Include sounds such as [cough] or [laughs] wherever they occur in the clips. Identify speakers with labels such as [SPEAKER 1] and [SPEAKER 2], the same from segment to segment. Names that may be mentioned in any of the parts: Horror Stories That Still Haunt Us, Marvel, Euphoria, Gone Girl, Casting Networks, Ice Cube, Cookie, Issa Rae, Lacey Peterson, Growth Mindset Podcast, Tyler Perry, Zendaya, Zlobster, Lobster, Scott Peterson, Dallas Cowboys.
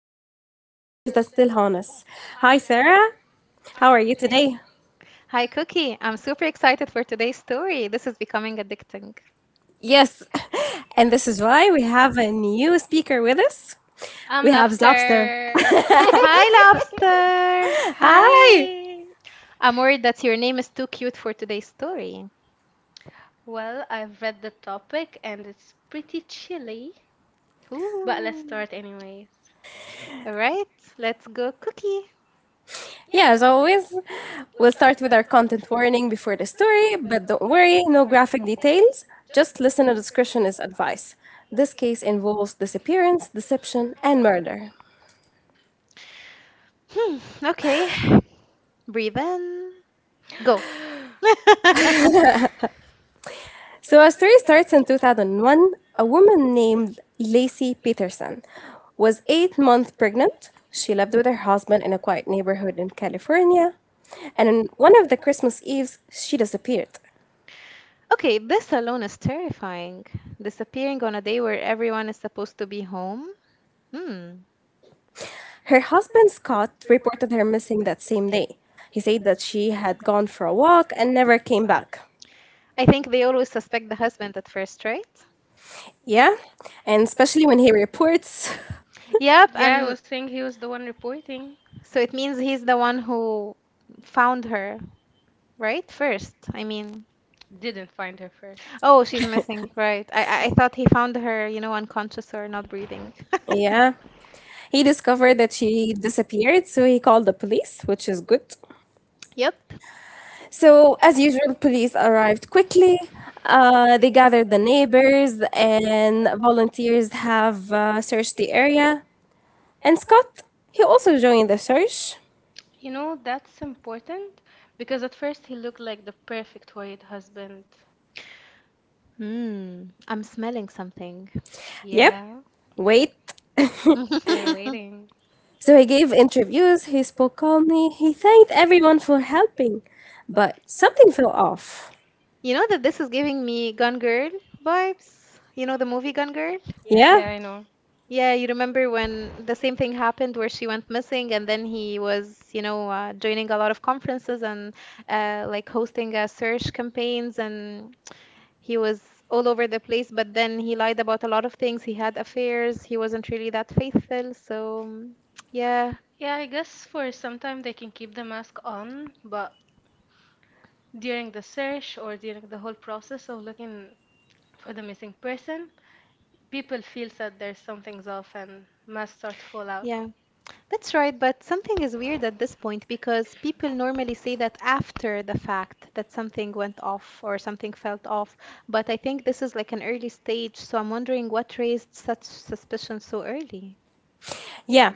[SPEAKER 1] to Horror Stories That Still Haunt Us. Hi, Sarah. How are you today?
[SPEAKER 2] Hi, Cookie. I'm super excited for today's story. This is becoming addicting.
[SPEAKER 1] Yes, [laughs] and this is why we have a new speaker with us.
[SPEAKER 3] I'm
[SPEAKER 1] We have
[SPEAKER 3] Lobster.
[SPEAKER 1] Zlobster.
[SPEAKER 2] Hi, Lobster.
[SPEAKER 1] [laughs] Hi.
[SPEAKER 3] Hi.
[SPEAKER 2] I'm worried that your name is too cute for today's story.
[SPEAKER 3] Well, I've read the topic and it's pretty chilly, but let's
[SPEAKER 2] Ooh.
[SPEAKER 3] start anyways.
[SPEAKER 2] All right, let's go, Cookie.
[SPEAKER 1] Yeah, as always, we'll start with our content warning before the story, but don't worry, no graphic details. Just listener discretion is advice. This case involves disappearance, deception, and murder.
[SPEAKER 2] Hmm, okay. Breathe in. Go. [laughs]
[SPEAKER 1] So our story starts in 2001. A woman named Lacey Peterson was 8 months pregnant. She lived with her husband in a quiet neighborhood in California. And on one of the Christmas Eves, she disappeared.
[SPEAKER 2] Okay, this alone is terrifying. Disappearing on a day where everyone is supposed to be home. Hmm.
[SPEAKER 1] Her husband, Scott, reported her missing that same day. He said that she had gone for a walk and never came back.
[SPEAKER 2] I think they always suspect the husband at first, right?
[SPEAKER 1] Yeah, and especially when he reports,
[SPEAKER 2] Yep,
[SPEAKER 3] Yeah, I
[SPEAKER 2] and
[SPEAKER 3] was thinking he was the one reporting.
[SPEAKER 2] so it means he's the one who found her, right? First, I mean.
[SPEAKER 3] Didn't find her first.
[SPEAKER 2] Oh, she's missing, right. I thought he found her unconscious or not breathing.
[SPEAKER 1] [laughs]
[SPEAKER 2] [laughs]
[SPEAKER 1] yeah, he discovered that she disappeared, so he called the police, which is good.
[SPEAKER 2] Yep.
[SPEAKER 1] So, as usual, police arrived quickly. They gathered the neighbors, and volunteers have searched the area. And Scott, he also joined the search.
[SPEAKER 3] You know, that's important because at first he looked like the perfect white husband.
[SPEAKER 2] Hmm. I'm smelling something.
[SPEAKER 1] Yep,
[SPEAKER 3] Yeah,
[SPEAKER 1] wait.
[SPEAKER 3] we're
[SPEAKER 2] [laughs]
[SPEAKER 3] waiting. [laughs]
[SPEAKER 1] [laughs] So, he gave interviews, he spoke calmly, he thanked everyone for helping. But something fell off.
[SPEAKER 2] You know that this is giving me Gone Girl vibes? You know the movie Gone Girl?
[SPEAKER 3] Yeah,
[SPEAKER 1] Yeah,
[SPEAKER 3] I know.
[SPEAKER 2] Yeah, you remember when the same thing happened where she went missing and then he was, joining a lot of conferences and like hosting search campaigns, and he was all over the place, but then he lied about a lot of things. He had affairs. He wasn't really that faithful. So, yeah,
[SPEAKER 3] Yeah, I guess for some time they can keep the mask on, but during the search or during the whole process of looking for the missing person, people feel that there's something's off and must start to fall out.
[SPEAKER 2] yeah, that's right. But something is weird at this point because people normally say that after the fact that something went off or something felt off. But I think this is like an early stage. So I'm wondering what raised such suspicion so early.
[SPEAKER 1] yeah.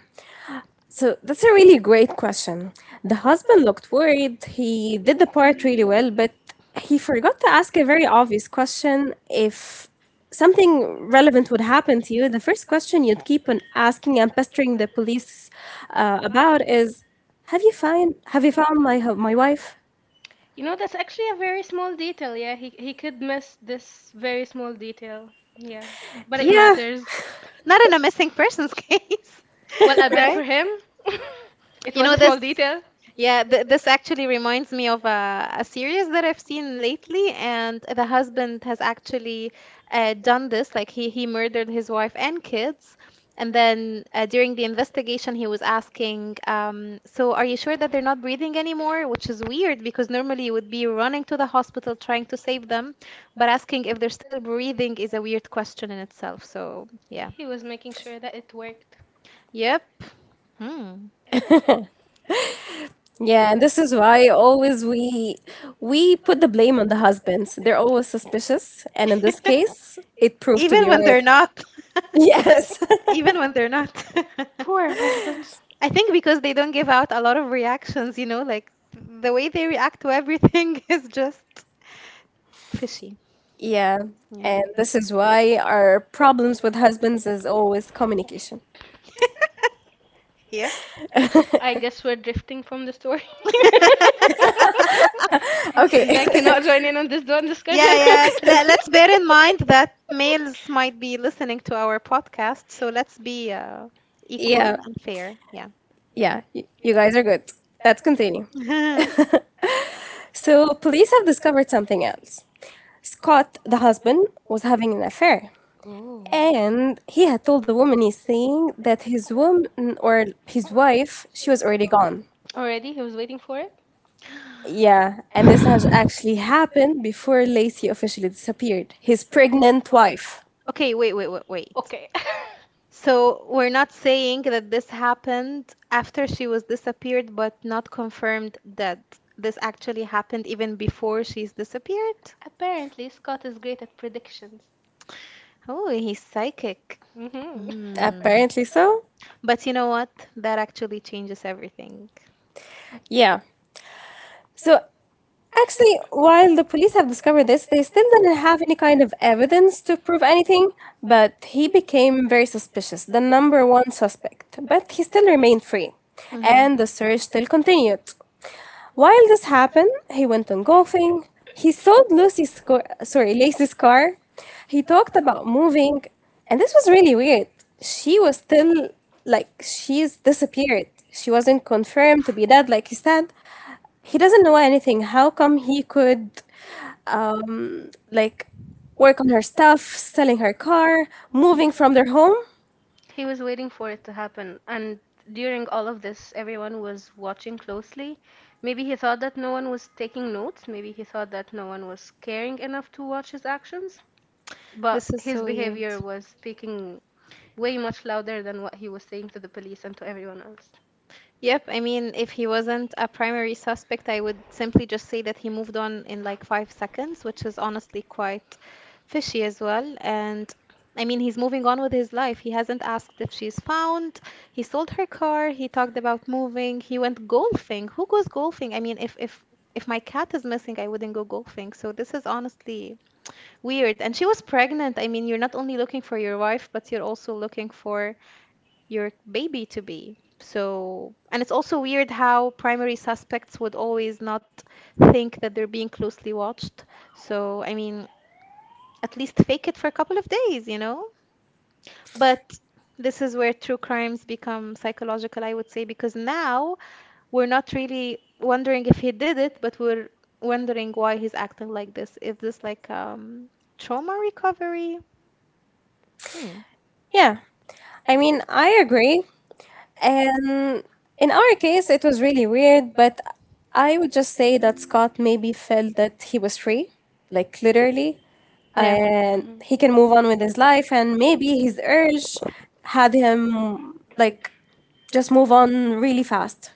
[SPEAKER 1] So that's a really great question. The husband looked worried. He did the part really well, but he forgot to ask a very obvious question. If something relevant would happen to you, the first question you'd keep on asking and pestering the police about is, "Have you found— have you found my my wife?"
[SPEAKER 3] You know, that's actually a very small detail. Yeah, he could miss this very small detail. Yeah, but it
[SPEAKER 1] Yeah,
[SPEAKER 3] matters.
[SPEAKER 2] Not in a missing persons [laughs] case,
[SPEAKER 3] Well, I bet for
[SPEAKER 2] right?
[SPEAKER 3] him, it
[SPEAKER 2] You know
[SPEAKER 3] was a
[SPEAKER 2] this.
[SPEAKER 3] small detail.
[SPEAKER 2] Yeah, th this actually reminds me of a series that I've seen lately, and the husband has actually done this. Like he murdered his wife and kids, and then during the investigation, he was asking, "So are you sure that they're not breathing anymore?" Which is weird because normally you would be running to the hospital trying to save them, but asking if they're still breathing is a weird question in itself. So yeah,
[SPEAKER 3] He was making sure that it worked.
[SPEAKER 2] yep, hmm.
[SPEAKER 1] yeah, and this is why always we put the blame on the husbands. They're always suspicious, and in this case, it
[SPEAKER 2] [laughs]
[SPEAKER 1] proved to be
[SPEAKER 2] Even when
[SPEAKER 1] right.
[SPEAKER 2] they're
[SPEAKER 1] [laughs]
[SPEAKER 2] not. [laughs]
[SPEAKER 1] Yes. [laughs]
[SPEAKER 2] Even when they're not. [laughs]
[SPEAKER 3] Poor husbands.
[SPEAKER 2] I think because they don't give out a lot of reactions, you know, like the way they react to everything [laughs] is just fishy.
[SPEAKER 1] Yeah,
[SPEAKER 2] Yeah.
[SPEAKER 1] and this is why our problems with husbands is always communication.
[SPEAKER 2] Yep.
[SPEAKER 3] I guess we're drifting from the story,
[SPEAKER 2] [laughs]
[SPEAKER 3] [laughs]
[SPEAKER 1] Okay.
[SPEAKER 3] and they cannot
[SPEAKER 1] [laughs]
[SPEAKER 3] join in on this one discussion.
[SPEAKER 2] Yeah,
[SPEAKER 3] [laughs]
[SPEAKER 2] yeah. Let's bear in mind that males might be listening to our podcast, so let's be equal
[SPEAKER 1] Yeah,
[SPEAKER 2] and fair. Yeah.
[SPEAKER 1] yeah, you guys are good. Let's continue.
[SPEAKER 2] [laughs]
[SPEAKER 1] So, police have discovered something else. Scott, the husband, was having an affair,
[SPEAKER 3] Ooh.
[SPEAKER 1] and he had told the woman he's seeing that his woman or his wife, she was already gone.
[SPEAKER 3] Already, he was waiting for it.
[SPEAKER 1] Yeah, and this has actually happened before Lacey officially disappeared. His pregnant wife.
[SPEAKER 2] Okay, wait, wait, wait, wait.
[SPEAKER 3] Okay.
[SPEAKER 2] So we're not saying that this happened after she was disappeared, but not confirmed that this actually happened even before she's disappeared.
[SPEAKER 3] [laughs] Apparently, Scott is great at predictions.
[SPEAKER 2] Oh, he's psychic.
[SPEAKER 3] hmm
[SPEAKER 2] Hmm.
[SPEAKER 1] Apparently so.
[SPEAKER 2] But you know what? That actually changes everything.
[SPEAKER 1] Yeah. So Actually, while the police have discovered this, they still didn't have any kind of evidence to prove anything, but he became very suspicious, the number one suspect. But he still remained free,
[SPEAKER 2] Hmm.
[SPEAKER 1] and the search still continued. While this happened, he went on golfing. He sold Lucy's car, sorry, Lacey's car. He talked about moving, and this was really weird. She was still like she's disappeared. She wasn't confirmed to be dead, like he said. He doesn't know anything. How come he could, like, work on her stuff, selling her car, moving from their home?
[SPEAKER 3] He was waiting for it to happen, and during all of this, everyone was watching closely. Maybe he thought that no one was taking notes, maybe he thought that no one was caring enough to watch his actions,
[SPEAKER 2] This
[SPEAKER 3] but
[SPEAKER 2] is
[SPEAKER 3] his
[SPEAKER 2] so weird.
[SPEAKER 3] behavior was speaking way much louder than what he was saying to the police and to everyone else.
[SPEAKER 2] Yep, I mean, if he wasn't a primary suspect, I would simply just say that he moved on in like 5 seconds, which is honestly quite fishy as well. And I mean, he's moving on with his life. He hasn't asked if she's found. He sold her car. He talked about moving. He went golfing. Who goes golfing? I mean, if if my cat is missing, I wouldn't go golfing. So this is honestly weird. And she was pregnant. I mean, you're not only looking for your wife, but you're also looking for your baby to be. So, and it's also weird how primary suspects would always not think that they're being closely watched. So, I mean, at least fake it for a couple of days, you know? But this is where true crimes become psychological, I would say, because now we're not really wondering if he did it, but we're wondering why he's acting like this. Is this like trauma recovery? Hmm.
[SPEAKER 1] Yeah. I mean, I agree. And in our case, it was really weird, but I would just say that Scott maybe felt that he was free, like literally,
[SPEAKER 2] Yeah.
[SPEAKER 1] and he
[SPEAKER 3] Mhm.
[SPEAKER 1] can move on with his life. And maybe his urge had him, like, just move on really fast.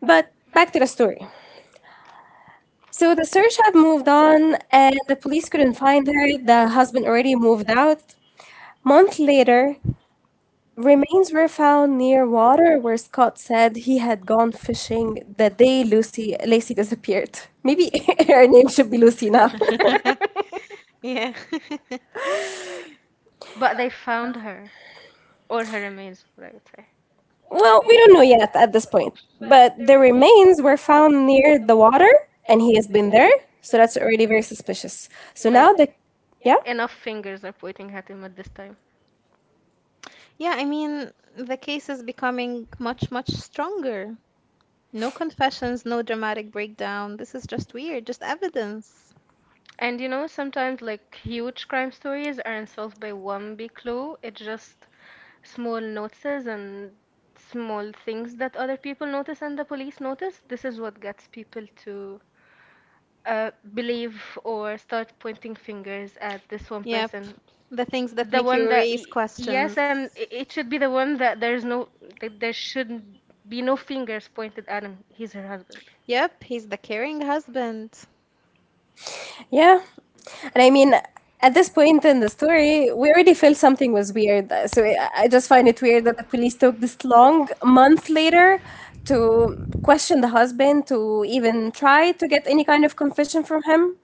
[SPEAKER 1] But back to the story. So the search had moved on, and the police couldn't find her. The husband already moved out. Month later, remains were found near water where Scott said he had gone fishing the day Lucy— Lacey disappeared. Maybe [laughs] her name should be Lucy now.
[SPEAKER 2] [laughs] Yeah. [laughs]
[SPEAKER 3] But they found her, or her remains, what I would say.
[SPEAKER 1] [laughs] Well, we don't know yet at this point. But the remains were found near the water, and he has been there, so that's already very suspicious. So
[SPEAKER 3] Like,
[SPEAKER 1] now the, yeah.
[SPEAKER 3] enough fingers are pointing at him at this time.
[SPEAKER 2] Yeah, I mean, the case is becoming much, much stronger. No confessions, no dramatic breakdown. This is just weird, just evidence.
[SPEAKER 3] And you know, sometimes like huge crime stories aren't solved by one big clue. It's just small notices and small things that other people notice and the police notice. This is what gets people to believe or start pointing fingers at this one
[SPEAKER 2] Yep,
[SPEAKER 3] person.
[SPEAKER 2] the things that
[SPEAKER 3] The
[SPEAKER 2] make
[SPEAKER 3] one
[SPEAKER 2] you
[SPEAKER 3] that, y-
[SPEAKER 2] raise
[SPEAKER 3] Yes,
[SPEAKER 2] questions.
[SPEAKER 3] and it should be the one that there's no, that there should be no fingers pointed at him. He's her husband.
[SPEAKER 2] Yep, he's the caring husband.
[SPEAKER 1] Yeah. And I mean, at this point in the story, we already felt something was weird. So I just find it weird that the police took this long month later to question the husband, to even try to get any kind of confession from him.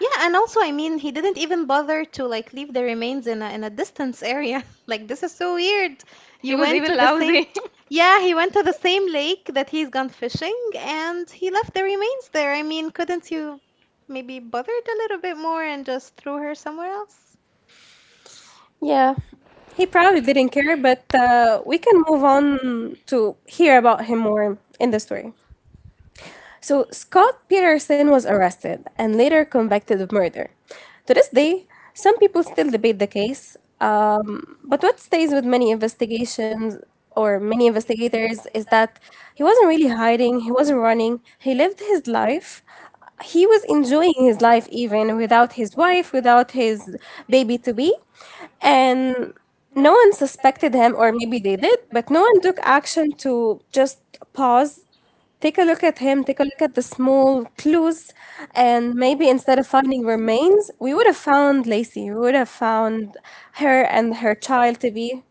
[SPEAKER 2] Yeah, and also, I mean, he didn't even bother to like leave the remains in a distance area. [laughs] Like this is so weird. You
[SPEAKER 3] He was
[SPEAKER 2] went
[SPEAKER 3] even
[SPEAKER 2] to the same.
[SPEAKER 3] lousy. [laughs]
[SPEAKER 2] Yeah, he went to the same lake that he's gone fishing and he left the remains there. I mean, couldn't you maybe bother it a little bit more and just throw her somewhere else?
[SPEAKER 1] Yeah. He probably didn't care, but we can move on to hear about him more in the story. So Scott Peterson was arrested and later convicted of murder. To this day, some people still debate the case, but what stays with many investigations or many investigators is that he wasn't really hiding, he wasn't running, he lived his life. He was enjoying his life even without his wife, without his baby to be. And no one suspected him, or maybe they did, but no one took action to just pause— take a look at him, take a look at the small clues, and maybe instead of finding remains, we would have found Lacey. We would have found her and her child to be.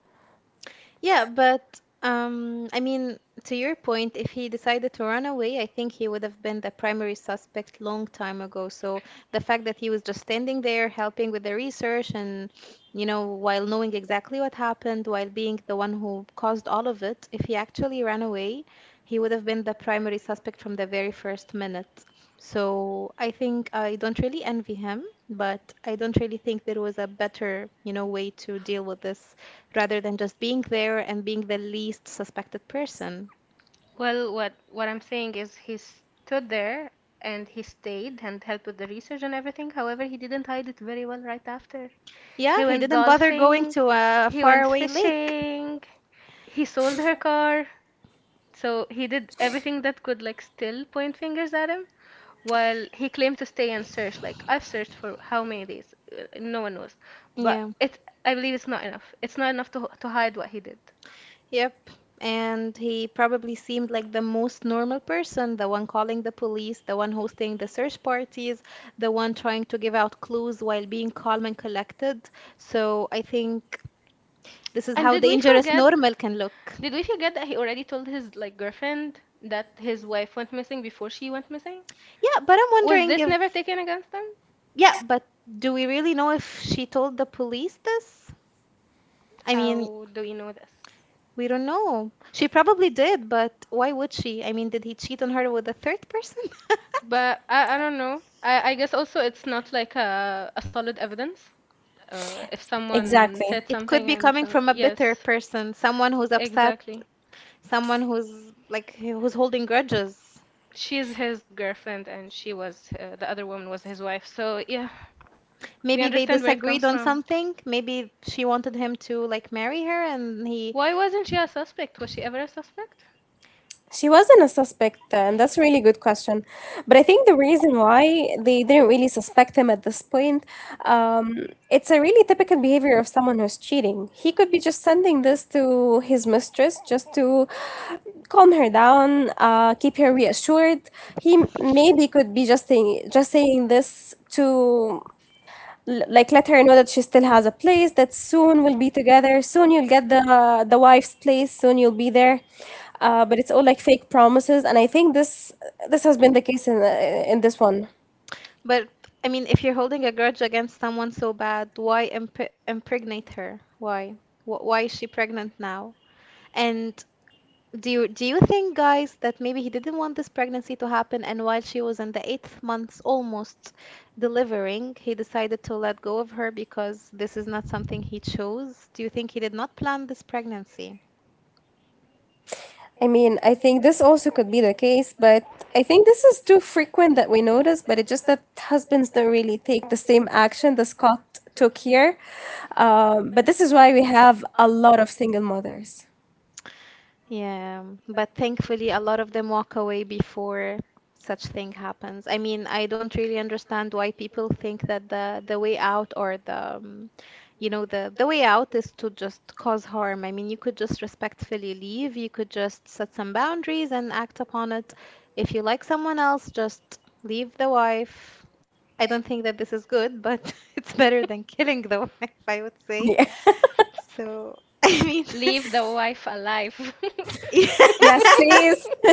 [SPEAKER 2] Yeah, but I mean, to your point, if he decided to run away, I think he would have been the primary suspect long time ago. So the fact that he was just standing there helping with the research and, you know, while knowing exactly what happened, while being the one who caused all of it, if he actually ran away, he would have been the primary suspect from the very first minute. So I think I don't really envy him, but I don't really think there was a better, you know, way to deal with this rather than just being there and being the least suspected person.
[SPEAKER 3] Well, what I'm saying is he stood there and he stayed and helped with the research and everything. However, he didn't hide it very well right after.
[SPEAKER 2] Yeah,
[SPEAKER 3] He
[SPEAKER 2] he
[SPEAKER 3] went
[SPEAKER 2] didn't bother going
[SPEAKER 3] golfing,
[SPEAKER 2] to a
[SPEAKER 3] he went
[SPEAKER 2] faraway lake.
[SPEAKER 3] fishing, he sold her car. So he did everything that could like still point fingers at him while he claimed to stay and search. Like I've searched for how many days? No one knows. But
[SPEAKER 2] Yeah,
[SPEAKER 3] it's I believe it's not enough. It's not enough to hide what he did.
[SPEAKER 2] yep. And he probably seemed like the most normal person, the one calling the police, the one hosting the search parties, the one trying to give out clues while being calm and collected. So I think this is
[SPEAKER 3] And
[SPEAKER 2] how dangerous normal can look.
[SPEAKER 3] did we forget that he already told his like girlfriend that his wife went missing before she went missing?
[SPEAKER 2] Yeah, but I'm
[SPEAKER 3] Was
[SPEAKER 2] wondering
[SPEAKER 3] this
[SPEAKER 2] if,
[SPEAKER 3] never taken against them?
[SPEAKER 2] yeah, but do we really know if she told the police this? I mean,
[SPEAKER 3] How do we know this?
[SPEAKER 2] we don't know. She probably did, but why would she? I mean, did he cheat on her with a third person? [laughs]
[SPEAKER 3] But I don't know. I guess also it's not like a solid evidence. If someone
[SPEAKER 1] Exactly.
[SPEAKER 3] said
[SPEAKER 2] It could
[SPEAKER 3] something
[SPEAKER 2] be
[SPEAKER 3] and
[SPEAKER 2] coming
[SPEAKER 3] some,
[SPEAKER 2] from a
[SPEAKER 3] yes,
[SPEAKER 2] bitter person, someone who's upset,
[SPEAKER 3] exactly.
[SPEAKER 2] someone who's like who's holding grudges.
[SPEAKER 3] She is his girlfriend and she was the other woman was his wife. So yeah, we
[SPEAKER 2] Maybe they
[SPEAKER 3] understand where it
[SPEAKER 2] disagreed
[SPEAKER 3] comes
[SPEAKER 2] on
[SPEAKER 3] from.
[SPEAKER 2] something. Maybe she wanted him to like marry her and he
[SPEAKER 3] Why wasn't she a suspect? Was she ever a suspect?
[SPEAKER 1] She wasn't a suspect, and that's a really good question. But I think the reason why they didn't really suspect him at this point, it's a really typical behavior of someone who's cheating. He could be just sending this to his mistress just to calm her down, keep her reassured. He maybe could be just saying this to like let her know that she still has a place, that soon we'll be together, soon you'll get the wife's place, soon you'll be there. But it's all like fake promises, and I think this— this has been the case in this one.
[SPEAKER 2] but I mean, if you're holding a grudge against someone so bad, why impregnate her? Why? Wh why is she pregnant now? And do you think, guys, that maybe he didn't want this pregnancy to happen, and while she was in the eighth month, almost delivering, he decided to let go of her because this is not something he chose? Do you think he did not plan this pregnancy?
[SPEAKER 1] I mean, I think this also could be the case, but I think this is too frequent that we notice, but it's just that husbands don't really take the same action the Scott took here. But this is why we have a lot of single mothers.
[SPEAKER 2] Yeah, but thankfully, a lot of them walk away before such thing happens. I mean, I don't really understand why people think that the way out or the you know the way out is to just cause harm. I mean, you could just respectfully leave. You could just set some boundaries and act upon it. If you like someone else, just leave the wife. I don't think that this is good, but [laughs] it's better than killing the [laughs] wife, I would say.
[SPEAKER 1] Yeah.
[SPEAKER 2] So, [laughs] I mean,
[SPEAKER 3] Leave the wife alive. [laughs]
[SPEAKER 2] [laughs] yeah.
[SPEAKER 1] [laughs] Yes, please. [laughs]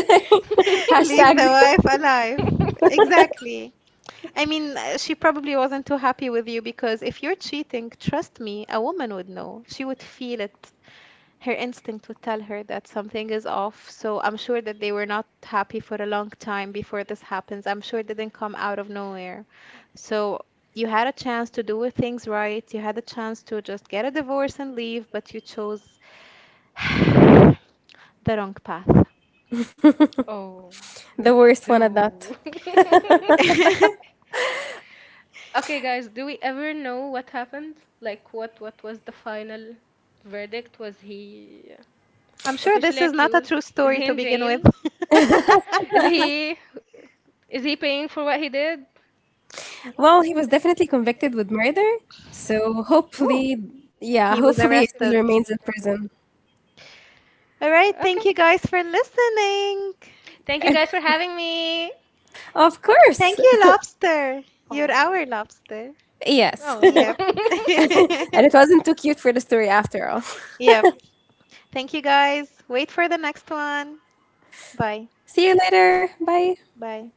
[SPEAKER 2] Leave the
[SPEAKER 1] Hashtag—
[SPEAKER 2] wife alive. Exactly. I mean, she probably wasn't too happy with you because if you're cheating, trust me, a woman would know. She would feel it. Her instinct would tell her that something is off. So I'm sure that they were not happy for a long time before this happens. I'm sure it didn't come out of nowhere. So you had a chance to do things right. You had a chance to just get a divorce and leave, but you chose [sighs] the wrong path.
[SPEAKER 3] Oh,
[SPEAKER 1] the worst one at
[SPEAKER 3] do.
[SPEAKER 1] that.
[SPEAKER 2] [laughs]
[SPEAKER 3] Okay, guys, do we ever know what happened? Like, what was the final verdict? Was he
[SPEAKER 2] I'm sure this
[SPEAKER 3] officially
[SPEAKER 2] is not a
[SPEAKER 3] accused?
[SPEAKER 2] true
[SPEAKER 3] Is
[SPEAKER 2] story
[SPEAKER 3] he
[SPEAKER 2] to
[SPEAKER 3] in
[SPEAKER 2] begin with.
[SPEAKER 3] jail?
[SPEAKER 2] [laughs]
[SPEAKER 3] Is he is he paying for what he did?
[SPEAKER 1] Well, he was definitely convicted with murder, so
[SPEAKER 3] Woo.
[SPEAKER 1] hopefully, yeah,
[SPEAKER 2] He was
[SPEAKER 1] hopefully he still
[SPEAKER 2] arrested.
[SPEAKER 1] remains in prison.
[SPEAKER 2] All right, thank you
[SPEAKER 3] Okay.
[SPEAKER 2] guys for listening.
[SPEAKER 3] Thank you guys for
[SPEAKER 1] [laughs]
[SPEAKER 3] having me.
[SPEAKER 1] Of course.
[SPEAKER 2] Thank you, Lobster. You're
[SPEAKER 3] Oh.
[SPEAKER 2] our lobster.
[SPEAKER 1] [laughs] Yes. [laughs] And
[SPEAKER 3] Oh.
[SPEAKER 2] Yeah.
[SPEAKER 3] [laughs]
[SPEAKER 1] it wasn't too cute for the story after all.
[SPEAKER 2] [laughs] Yeah. Thank you guys. Wait for the next one. Bye.
[SPEAKER 1] [laughs] See you later. Bye.
[SPEAKER 2] Bye.